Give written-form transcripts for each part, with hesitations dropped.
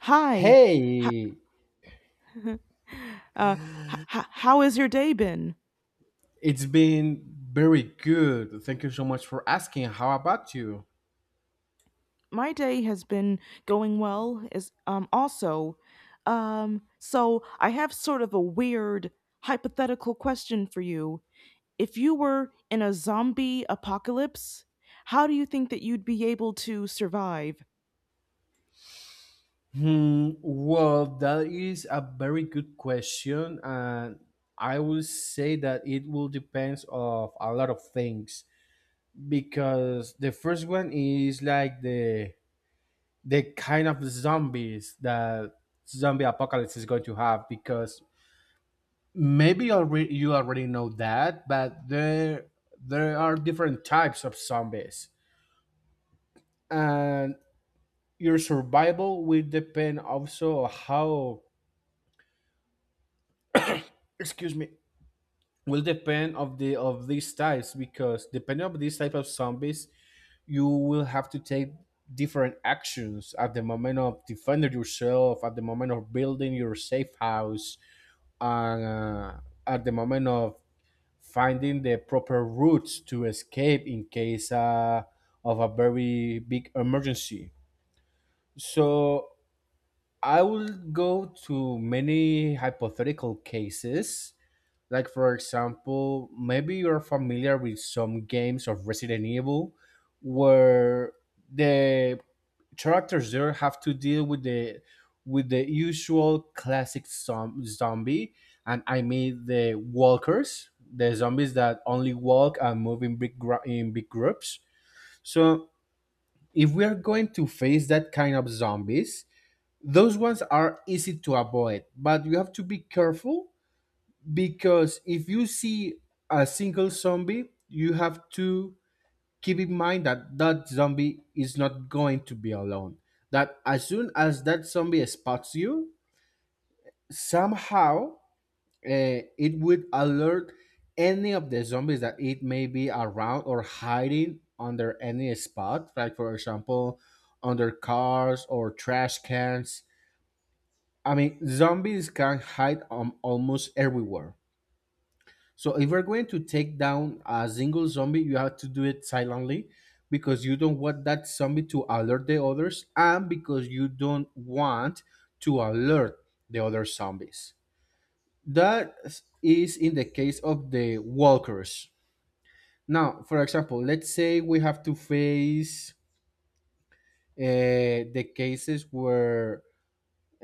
Hi. Hey, H- h- h- how has your day been? it's been very good. Thank you so much for asking. How about you? My day has been going well. So I have sort of a weird hypothetical question for you. If you were in a zombie apocalypse, how do you think that you'd be able to survive? Hmm, well, that is a very good question, and I will say that it will depends of a lot of things because the first one is like the kind of zombies that zombie apocalypse is going to have because maybe already you already know that, but there are different types of zombies. And your survival will depend also how, excuse me, will depend of these types because depending on these type of zombies you will have to take different actions at the moment of defending yourself, at the moment of building your safe house, and at the moment of finding the proper routes to escape in case of a very big emergency. So I will go to many hypothetical cases. Like, for example, maybe you're familiar with some games of Resident Evil where the characters there have to deal with the usual classic zombie. And I mean the walkers, the zombies that only walk and move in big in big groups. So if we are going to face that kind of zombies, those ones are easy to avoid, but you have to be careful because if you see a single zombie you have to keep in mind that that zombie is not going to be alone, that as soon as that zombie spots you somehow, it would alert any of the zombies that it may be around or hiding under any spot, like for example under cars or trash cans. I mean, zombies can hide almost everywhere. So if you're going to take down a single zombie, you have to do it silently, because you don't want that zombie to alert the others, and because you don't want to alert the other zombies. That is in the case of the walkers. Now, for example, let's say we have to face the cases where,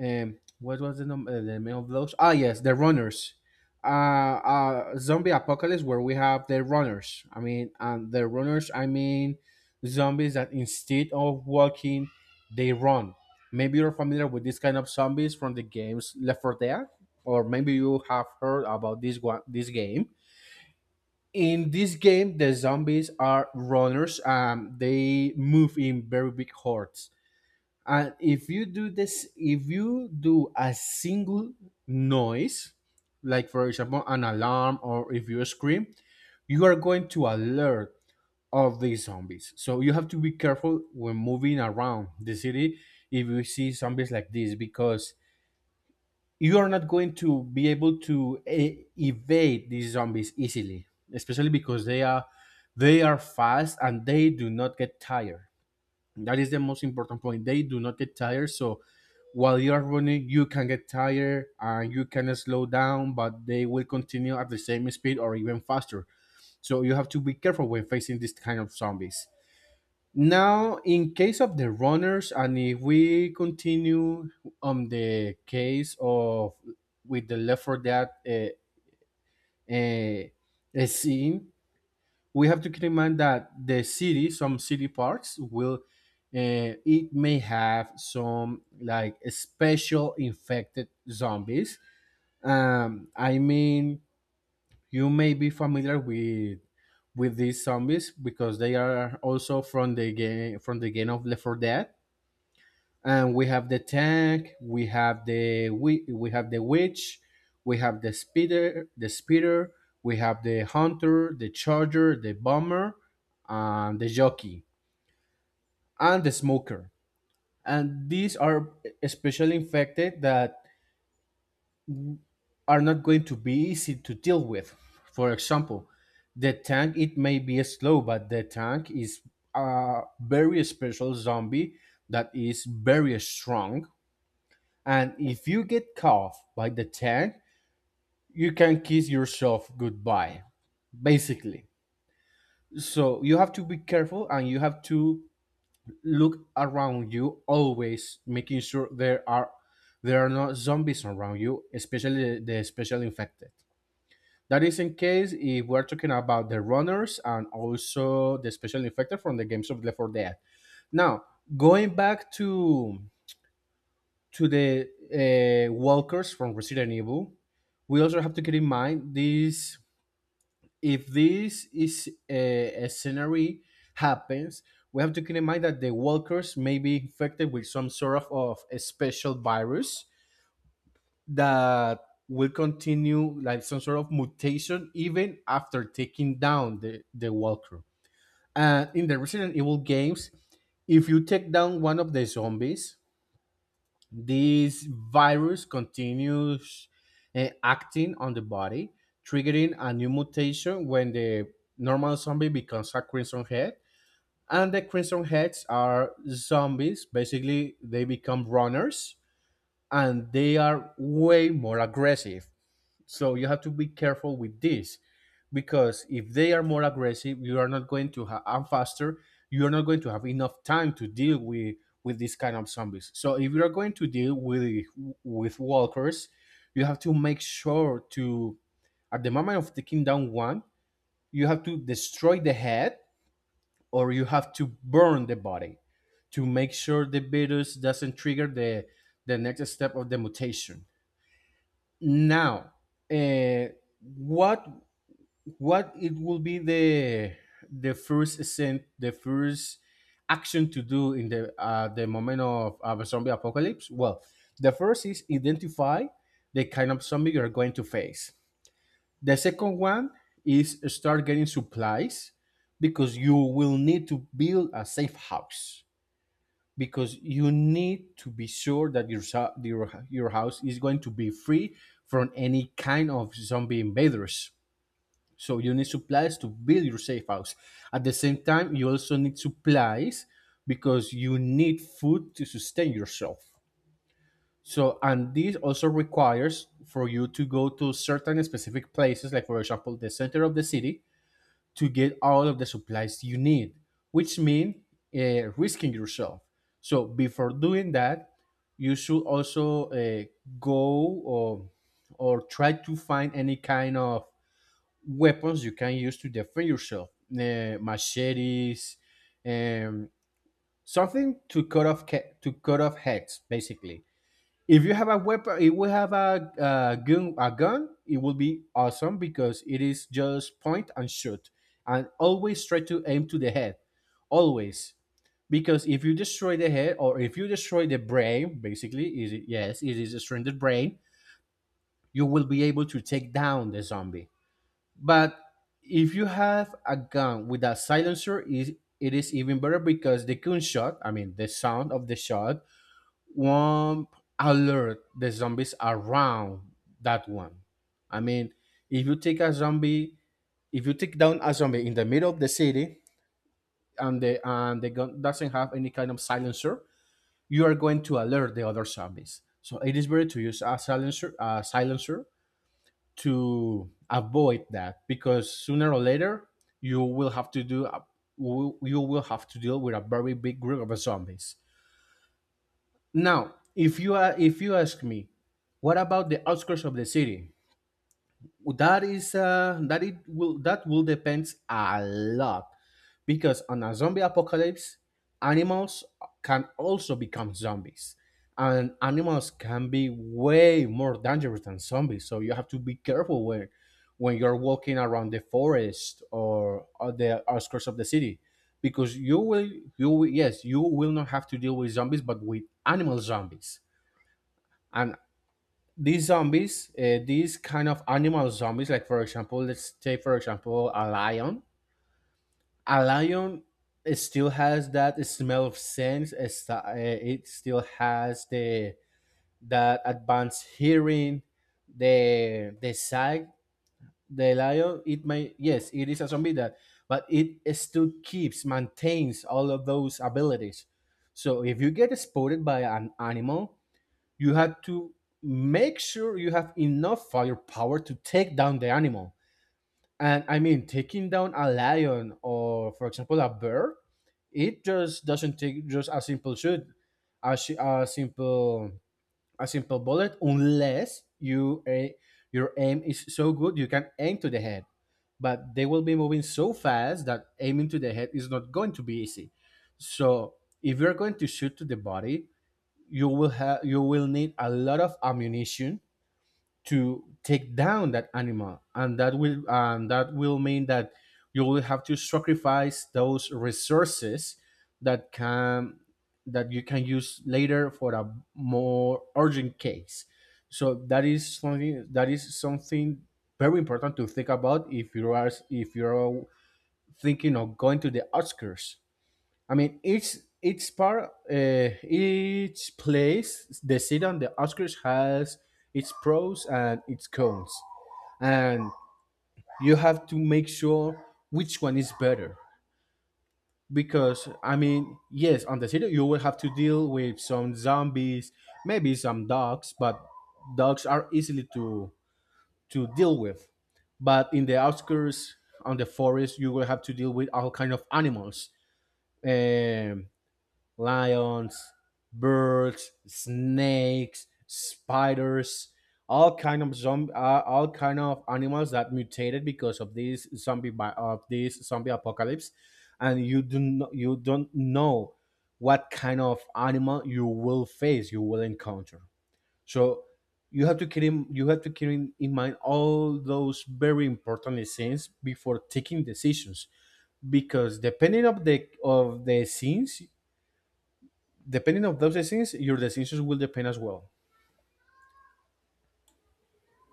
what was the the name of those? Ah, yes, the runners. Zombie apocalypse where we have the runners. I mean, and the runners. I mean, zombies that instead of walking, they run. Maybe you're familiar with this kind of zombies from the games Left 4 Dead, or maybe you have heard about this one, this game. In this game, the zombies are runners. They move in very big hordes. And if you do this, if you do a single noise, like for example an alarm, or if you scream, you are going to alert of these zombies. So you have to be careful when moving around the city if you see zombies like this, because you are not going to be able to evade these zombies easily, especially because they are fast and they do not get tired. That is the most important point, they do not get tired. So while you're running you can get tired and you can slow down, but they will continue at the same speed or even faster. So you have to be careful when facing this kind of zombies. Now, in case of the runners, and if we continue on the case of, with the left for that, scene, we have to keep in mind that the city, some city parks will, it may have some like special infected zombies. I mean, you may be familiar with these zombies because they are also from the game of Left 4 Dead. And we have the tank, we have we have the witch, we have the speeder, we have the hunter, the charger, the bomber, and the jockey, and the smoker. And these are especially infected that are not going to be easy to deal with. For example, the tank, it may be slow, but the tank is a very special zombie that is very strong. And if you get caught by the tank, you can kiss yourself goodbye, basically. So you have to be careful and you have to look around you always, making sure there are no zombies around you, especially the special infected. That is in case if we're talking about the runners and also the special infected from the games of Left 4 Dead. Now, going back to the walkers from Resident Evil, we also have to keep in mind this. If this is a scenario happens, we have to keep in mind that the walkers may be infected with some sort of a special virus that will continue like some sort of mutation even after taking down the walker. And in the Resident Evil games, if you take down one of the zombies, this virus continues acting on the body, triggering a new mutation when the normal zombie becomes a crimson head. And the crimson heads are zombies. Basically, they become runners and they are way more aggressive. So you have to be careful with this because if they are more aggressive, you are not going to have, and faster, you are not going to have enough time to deal with, these kind of zombies. So if you are going to deal with, walkers, you have to make sure to, at the moment of taking down one, you have to destroy the head, or you have to burn the body, to make sure the virus doesn't trigger the next step of the mutation. Now, uh, what what it will be the first scent, the first action to do in the, the moment of, a zombie apocalypse? Well, the first is identify the kind of zombie you're going to face. The second one is start getting supplies because you will need to build a safe house, because you need to be sure that your your house is going to be free from any kind of zombie invaders. So you need supplies to build your safe house. At the same time, you also need supplies because you need food to sustain yourself. So, and this also requires for you to go to certain specific places, like for example the center of the city, to get all of the supplies you need, which means risking yourself. So before doing that, you should also, go, or try to find any kind of weapons you can use to defend yourself, machetes, um, something to cut off, to cut off heads basically. If you have a weapon, if we have a gun, a gun, it will be awesome because it is just point and shoot. And always try to aim to the head, always, because if you destroy the head, or if you destroy the brain, basically is it, yes, it is destroying the brain, you will be able to take down the zombie. But if you have a gun with a silencer, is, it is even better, because the gunshot, I mean the sound of the shot, won't alert the zombies around that one. I mean, if you take a zombie, if you take down a zombie in the middle of the city, and the gun doesn't have any kind of silencer, you are going to alert the other zombies. So it is better to use a silencer, a silencer, to avoid that, because sooner or later you will have to do you will have to deal with a very big group of zombies. Now, if you are, if you ask me, what about the outskirts of the city? That is, that it will, that will depends a lot, because on a zombie apocalypse animals can also become zombies, and animals can be way more dangerous than zombies. So you have to be careful when you're walking around the forest, or the outskirts of the city, because you will, yes, you will not have to deal with zombies but with animal zombies. And these zombies, these kind of animal zombies, like for example, let's take for example a lion. A lion, it still has that smell of sense. It's, it still has the that advanced hearing, the sight. The lion, it may, yes, it is a zombie that, but it still keeps maintains all of those abilities. So if you get spotted by an animal, you have to make sure you have enough firepower to take down the animal. And I mean, taking down a lion, or, for example, a bear, it just doesn't take just a simple shoot, a, a simple, a simple bullet, unless you a your aim is so good you can aim to the head. But they will be moving so fast that aiming to the head is not going to be easy. So if you're going to shoot to the body, you will need a lot of ammunition to take down that animal, and that will mean that you will have to sacrifice those resources that can that you can use later for a more urgent case. So that is something very important to think about if you are if you're thinking of going to the Oscars. I mean, each part, each place, the seat on the Oscars has its pros and its cons, and you have to make sure which one is better. Because I mean, yes, on the city you will have to deal with some zombies, maybe some dogs, but dogs are easily to deal with. But in the outskirts, on the forest, you will have to deal with all kind of animals. Um, Lions, birds, snakes, spiders, all kind of animals that mutated because of this zombie apocalypse, and you do not, you don't know what kind of animal you will face, you will encounter. So you have to keep in mind all those very important scenes before taking decisions, because depending of the scenes, depending on those things, your decisions will depend as well.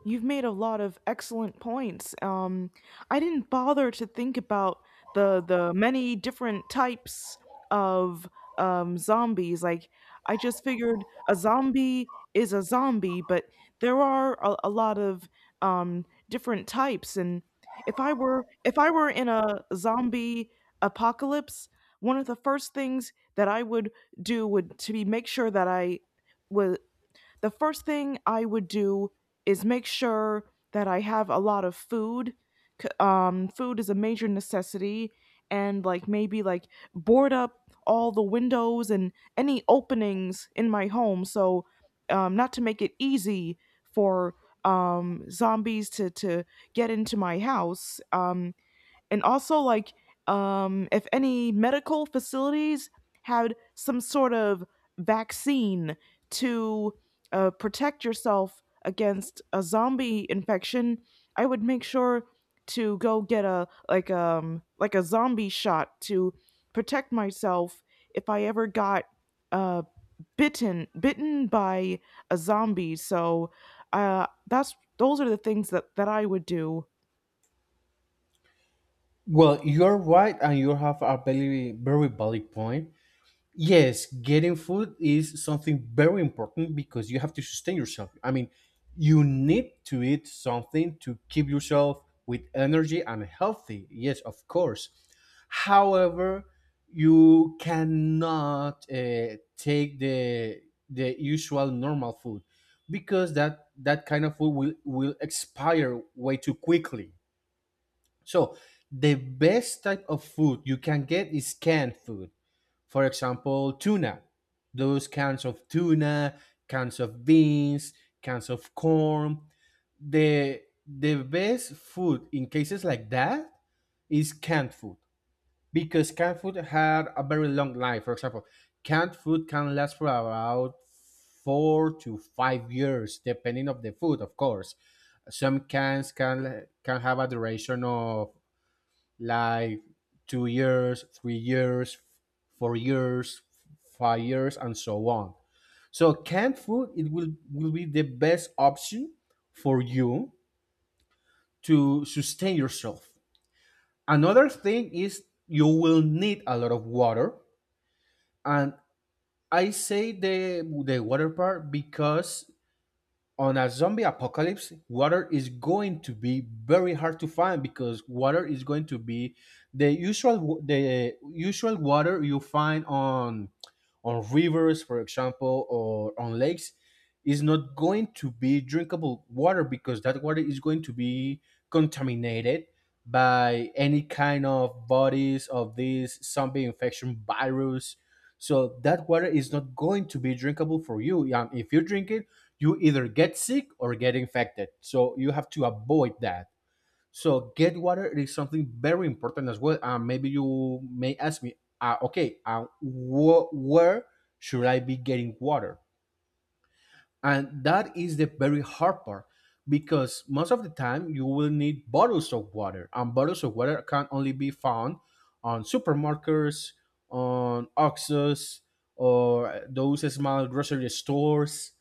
You've made a lot of excellent points. I didn't bother to think about the many different types of zombies. Like I just figured a zombie is a zombie, but there are a lot of different types. And if I were in a zombie apocalypse, one of the first things that I would do would to be make sure that I was the first thing I would do is make sure that I have a lot of food. Food is a major necessity, and like maybe like board up all the windows and any openings in my home, so not to make it easy for zombies to get into my house. And also if any medical facilities had some sort of vaccine to protect yourself against a zombie infection, I would make sure to go get a a zombie shot to protect myself if I ever got uh bitten by a zombie. So that's those are the things that I would do. Well, you are right, and you have a very, very valid point. Yes, getting food is something very important because you have to sustain yourself. I mean, you need to eat something to keep yourself with energy and healthy. Yes, of course. However, you cannot take the usual normal food, because that kind of food will expire way too quickly. So, the best type of food you can get is canned food, for example, tuna. Those cans of tuna, cans of beans, cans of corn. The best food in cases like that is canned food because canned food had a very long life. For example, canned food can last for about 4 to 5 years, depending of the food, of course. Some cans can have a duration of like 2 years, 3 years, 4 years, 5 years, and so on. So canned food, it will be the best option for you to sustain yourself. Another thing is you will need a lot of water, and I say the water part because on a zombie apocalypse, water is going to be very hard to find, because water is going to be the usual water you find on rivers, for example, or on lakes is not going to be drinkable water because that water is going to be contaminated by any kind of bodies of this zombie infection virus. So that water is not going to be drinkable for you. If you drink it, you either get sick or get infected. So you have to avoid that. So get water is something very important as well. And maybe you may ask me, okay, where should I be getting water? And that is the very hard part because most of the time you will need bottles of water, and bottles of water can only be found on supermarkets, on Oxus, or those small grocery stores.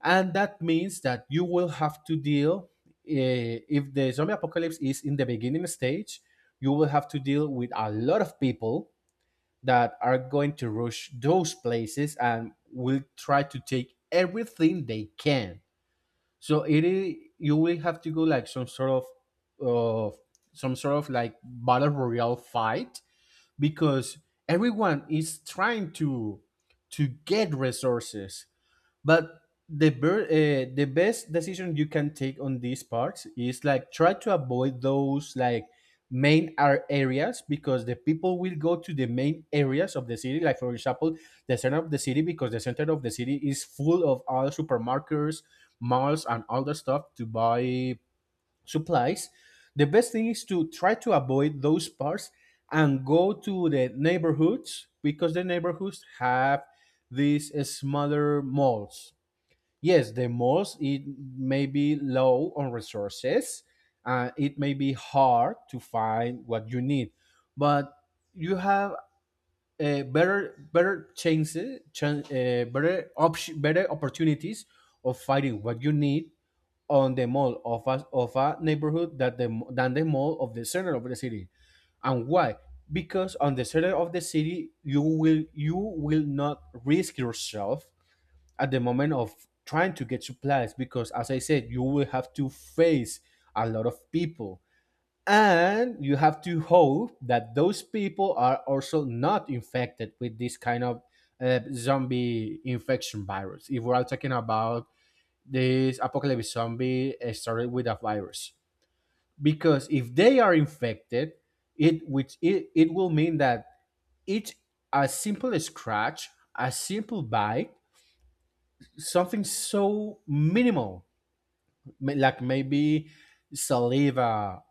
And that means that you will have to deal, if the zombie apocalypse is in the beginning stage, you will have to deal with a lot of people that are going to rush those places and will try to take everything they can. So it is you will have to go like of some sort of like battle royale fight, because everyone is trying to get resources. But the best decision you can take on these parts is like try to avoid those like areas, because the people will go to the main areas of the city, like for example the center of the city, because the center of the city is full of all supermarkets, malls, and all the stuff to buy supplies. The best thing is to try to avoid those parts and go to the neighborhoods, because the neighborhoods have these smaller malls. Yes, the most it may be low on resources. It may be hard to find what you need, but you have better chances, better option, better opportunities of finding what you need on the mall of a neighborhood that the than the mall of the center of the city. And why? Because on the center of the city, you will not risk yourself at the moment of trying to get supplies, because as I said you will have to face a lot of people, and you have to hope that those people are also not infected with this kind of zombie infection virus, if we're all talking about this apocalypse zombie started with a virus. Because if they are infected, it will mean that each a simple scratch, a simple bite, something so minimal, like maybe saliva,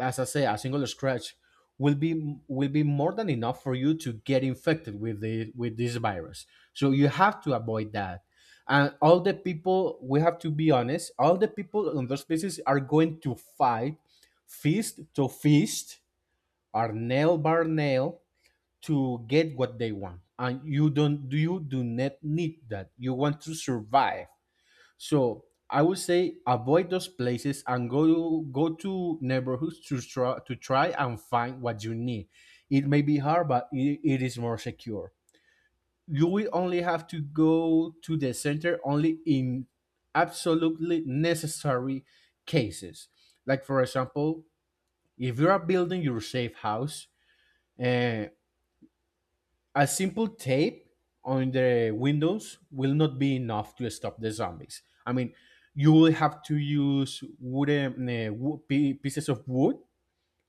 as I say a single scratch will be more than enough for you to get infected with this virus. So you have to avoid that. And all the people, we have to be honest, all the people on those places are going to fight fist to fist or nail by nail to get what they want, and you do not need that. You want to survive. So I would say avoid those places and go to neighborhoods to try and find what you need. It may be hard, but it is more secure. You will only have to go to the center only in absolutely necessary cases. Like for example, if you are building your safe house, uh, a simple tape on the windows will not be enough to stop the zombies. I mean, you will have to use pieces of wood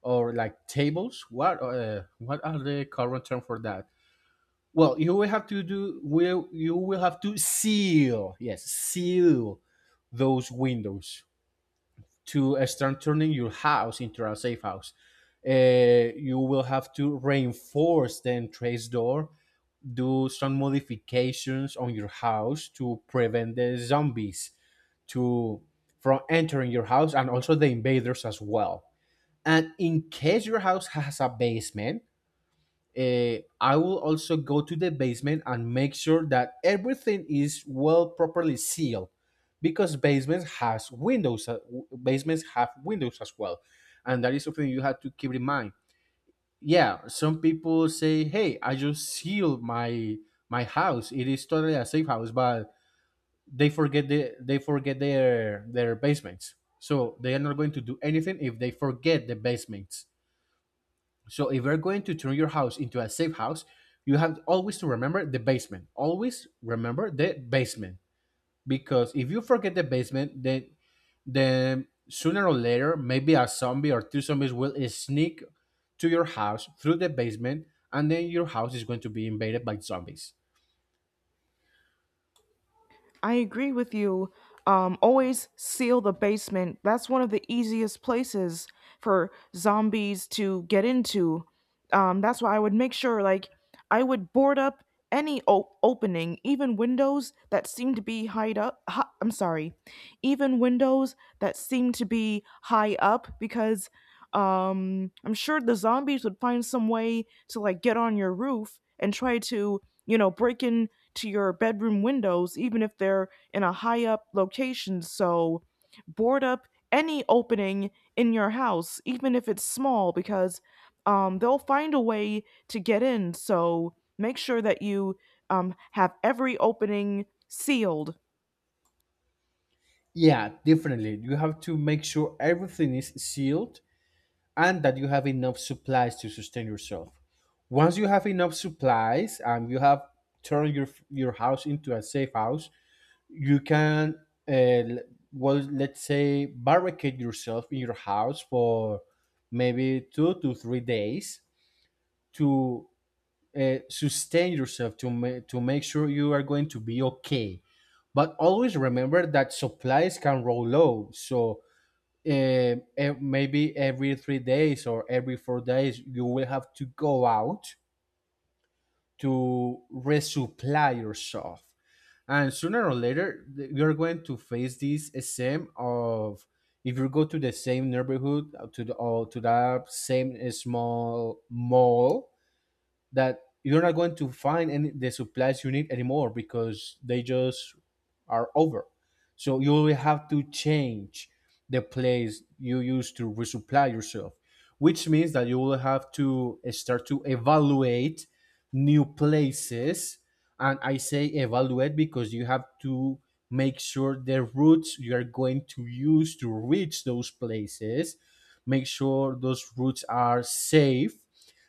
or like tables. What are the current term for that? Well, you will have to seal, yes, seal those windows to start turning your house into a safe house. You will have to reinforce the entrance door, do some modifications on your house to prevent the zombies to from entering your house, and also the invaders as well. And in case your house has a basement, I will also go to the basement and make sure that everything is well properly sealed, because basements has windows, basements have windows as well, and that is something you have to keep in mind. Yeah, some people say, hey, I just sealed my house, it is totally a safe house, but they forget they forget their basements. So they are not going to do anything if they forget the basements. So if we're going to turn your house into a safe house, you have always to remember the basement. Always remember the basement, because if you forget the basement, then sooner or later maybe a zombie or two zombies will sneak to your house through the basement, and then your house is going to be invaded by zombies. I agree with you. Always seal the basement. That's one of the easiest places for zombies to get into. That's why I would make sure, like, I would board up any opening, even windows that seem to be I'm sorry, even windows that seem to be high up, because I'm sure the zombies would find some way to like get on your roof and try to, you know, break in to your bedroom windows, even if they're in a high up location. So board up any opening in your house, even if it's small, because they'll find a way to get in. So make sure that you have every opening sealed. Yeah, definitely. You have to make sure everything is sealed and that you have enough supplies to sustain yourself. Once you have enough supplies and you have turned your house into a safe house, you can uh, l- well, let's say barricade yourself in your house for maybe 2 to 3 days to sustain yourself, to make sure you are going to be okay. But always remember that supplies can roll low, so maybe every 3 days or every 4 days you will have to go out to resupply yourself, and sooner or later you're going to face this same of if you go to the same neighborhood, to the or to that same small mall, that you're not going to find any the supplies you need anymore because they just are over. So you will have to change the place you use to resupply yourself, which means that you will have to start to evaluate new places. And I say evaluate because you have to make sure the routes you are going to use to reach those places, make sure those routes are safe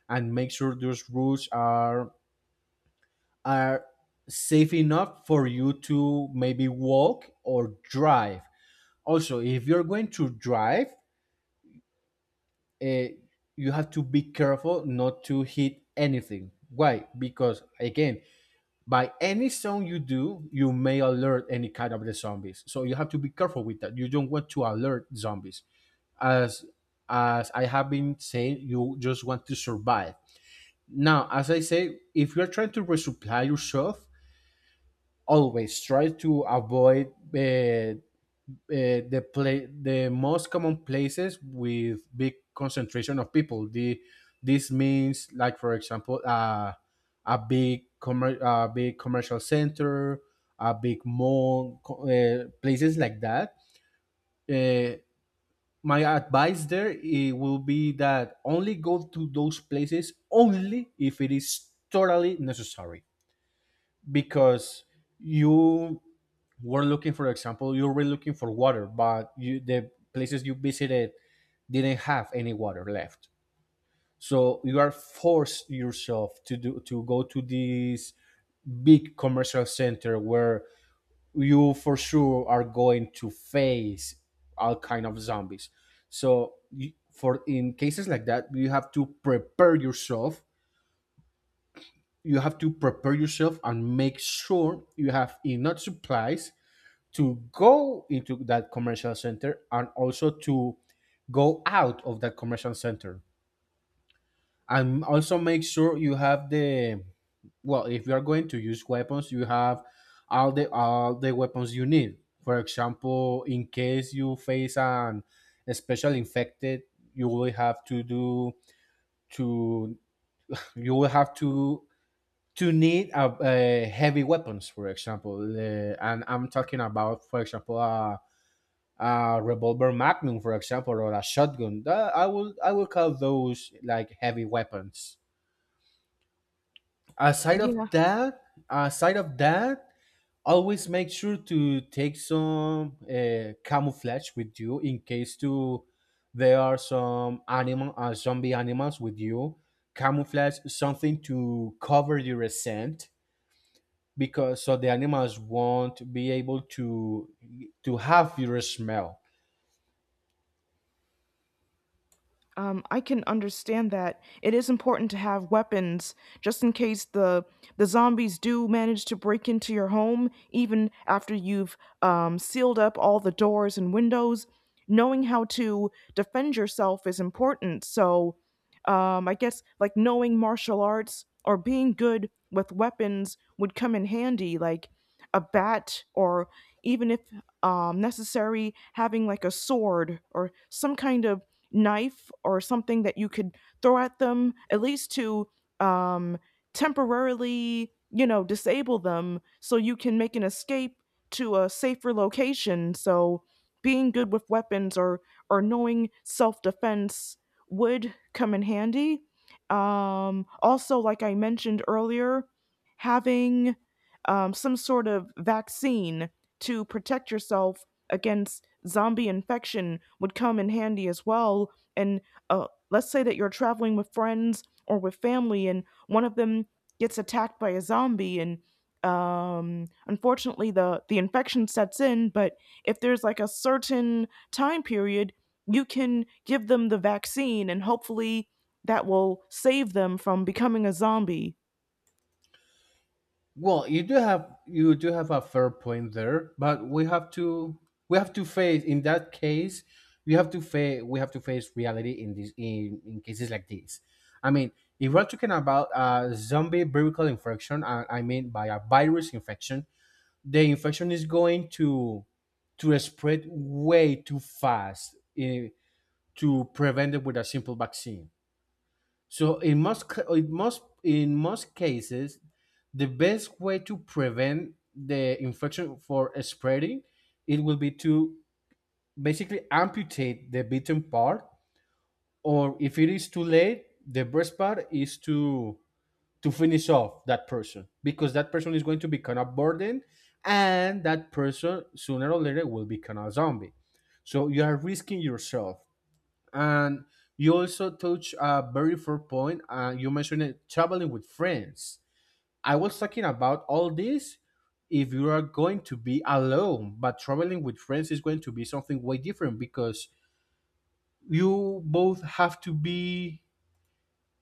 and make sure those routes are safe enough for you to maybe walk or drive. Also, if you're going to drive, uh, you have to be careful not to hit anything. Why? Because again, by any sound you do, you may alert any kind of the zombies. So you have to be careful with that. You don't want to alert zombies. As as I have been saying, you just want to survive. Now, as I say, if you're trying to resupply yourself, always try to avoid uh, uh, the most common places with big concentration of people. The this means like, for example, a big commercial center, a big mall, places like that. Uh, my advice there, it will be that only go to those places only if it is totally necessary. Because you were looking, for example, you were looking for water, but you, the places you visited didn't have any water left, so you are forced yourself to do to go to this big commercial center where you for sure are going to face all kind of zombies. So you, for in cases like that, you have to prepare yourself. You have to prepare yourself and make sure you have enough supplies to go into that commercial center, and also to go out of that commercial center, and also make sure you have the, well, if you are going to use weapons, you have all the weapons you need. For example, in case you face an a special infected, you will have to do to you will have to need a heavy weapons, for example, and I'm talking about, for example, a revolver magnum, for example, or a shotgun. That, I will call those like heavy weapons. Aside of Yeah. that, aside of that, always make sure to take some camouflage with you in case to there are some animal zombie animals with you. Camouflage, something to cover your scent, because so the animals won't be able to have your smell. I can understand that. It is important to have weapons just in case the zombies do manage to break into your home, even after you've sealed up all the doors and windows. Knowing how to defend yourself is important. So, I guess like knowing martial arts or being good with weapons would come in handy, like a bat or even if necessary, having like a sword or some kind of knife or something that you could throw at them, at least to um, temporarily, you know, disable them so you can make an escape to a safer location. So being good with weapons or knowing self defense would come in handy. Also, like I mentioned earlier, having some sort of vaccine to protect yourself against zombie infection would come in handy as well. And let's say that you're traveling with friends or with family, and one of them gets attacked by a zombie, and unfortunately the infection sets in. But if there's like a certain time period, you can give them the vaccine, and hopefully that will save them from becoming a zombie. Well, you do have a fair point there, but we have to face in that case. We have to face we have to face reality in this, in cases like this. I mean, if we're talking about a zombie viral infection, I mean by a virus infection, the infection is going to spread way too fast, eh, to prevent it with a simple vaccine. So in most ca- in most cases, the best way to prevent the infection for spreading, it will be to basically amputate the bitten part, or if it is too late, the best part is to finish off that person, because that person is going to become a burden, and that person sooner or later will become a zombie. So you are risking yourself, and you also touch a very fair point. You mentioned it, traveling with friends. I was talking about all this if you are going to be alone, but traveling with friends is going to be something way different, because you both have to be,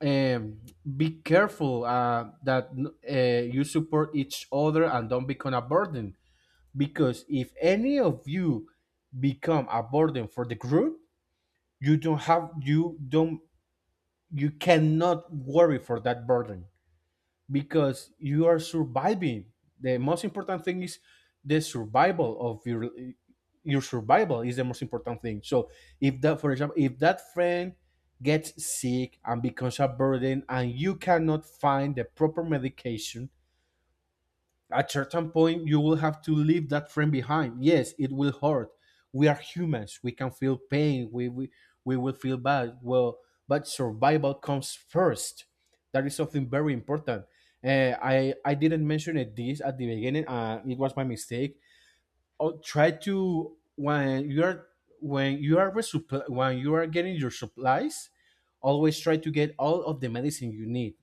um, be careful, that you support each other and don't become a burden. Because if any of you become a burden for the group, you don't, you cannot worry for that burden, because you are surviving. The most important thing is the survival of your survival is the most important thing. So if that, for example, if that friend gets sick and becomes a burden and you cannot find the proper medication, at certain point, you will have to leave that friend behind. Yes, it will hurt. We are humans. We can feel pain. We will feel bad. Well, but survival comes first. That is something very important. I didn't mention it this at the beginning. It was my mistake. Oh, try to, when you are resupply, when you are getting your supplies, always try to get all of the medicine you need,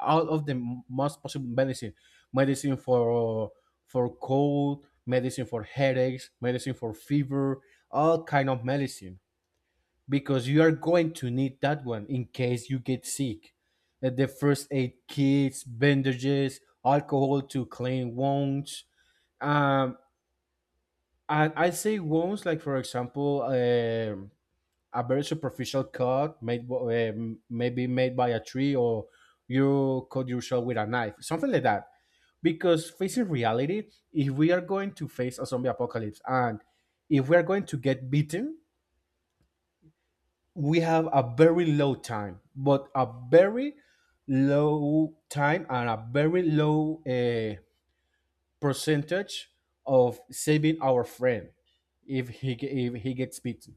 out of the most possible medicine, medicine for cold, medicine for headaches, medicine for fever, all kind of medicine, because you are going to need that one in case you get sick. The first aid kits, bandages, alcohol to clean wounds, um and I say wounds like, for example, a very superficial cut made, maybe made by a tree, or you cut yourself with a knife, something like that. Because, facing reality, if we are going to face a zombie apocalypse, and if we are going to get beaten, we have a very low time, but a very low time and a very low, percentage of saving our friend if if he gets beaten.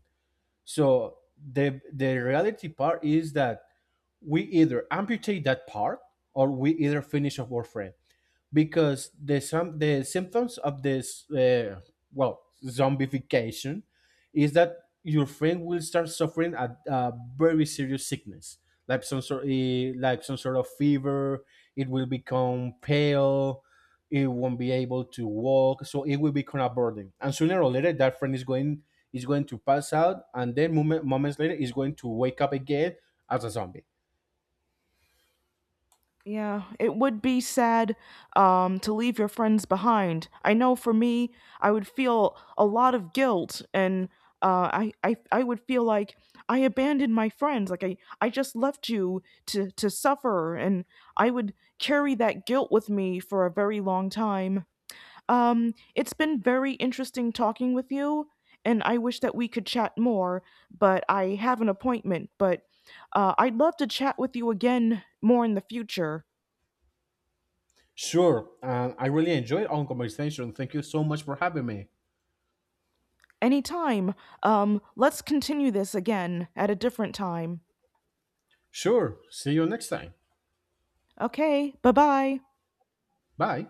So the reality part is that we either amputate that part, or we either finish off our friend, because the symptoms of this, well, zombification, is that your friend will start suffering a very serious sickness, like some sort, like some sort of fever. It will become pale, it won't be able to walk, so it will become a burden, and sooner or later that friend is going to pass out, and then moments later is going to wake up again as a zombie. Yeah, it would be sad to leave your friends behind. I know for me, I would feel a lot of guilt, and I would feel like I abandoned my friends, like I just left you to suffer, and I would carry that guilt with me for a very long time. It's been very interesting talking with you, and I wish that we could chat more, but I have an appointment. But I'd love to chat with you again more in the future. Sure, and I really enjoyed our conversation. Thank you so much for having me. Anytime. Let's continue this again at a different time. Sure, see you next time. Okay, bye bye. Bye.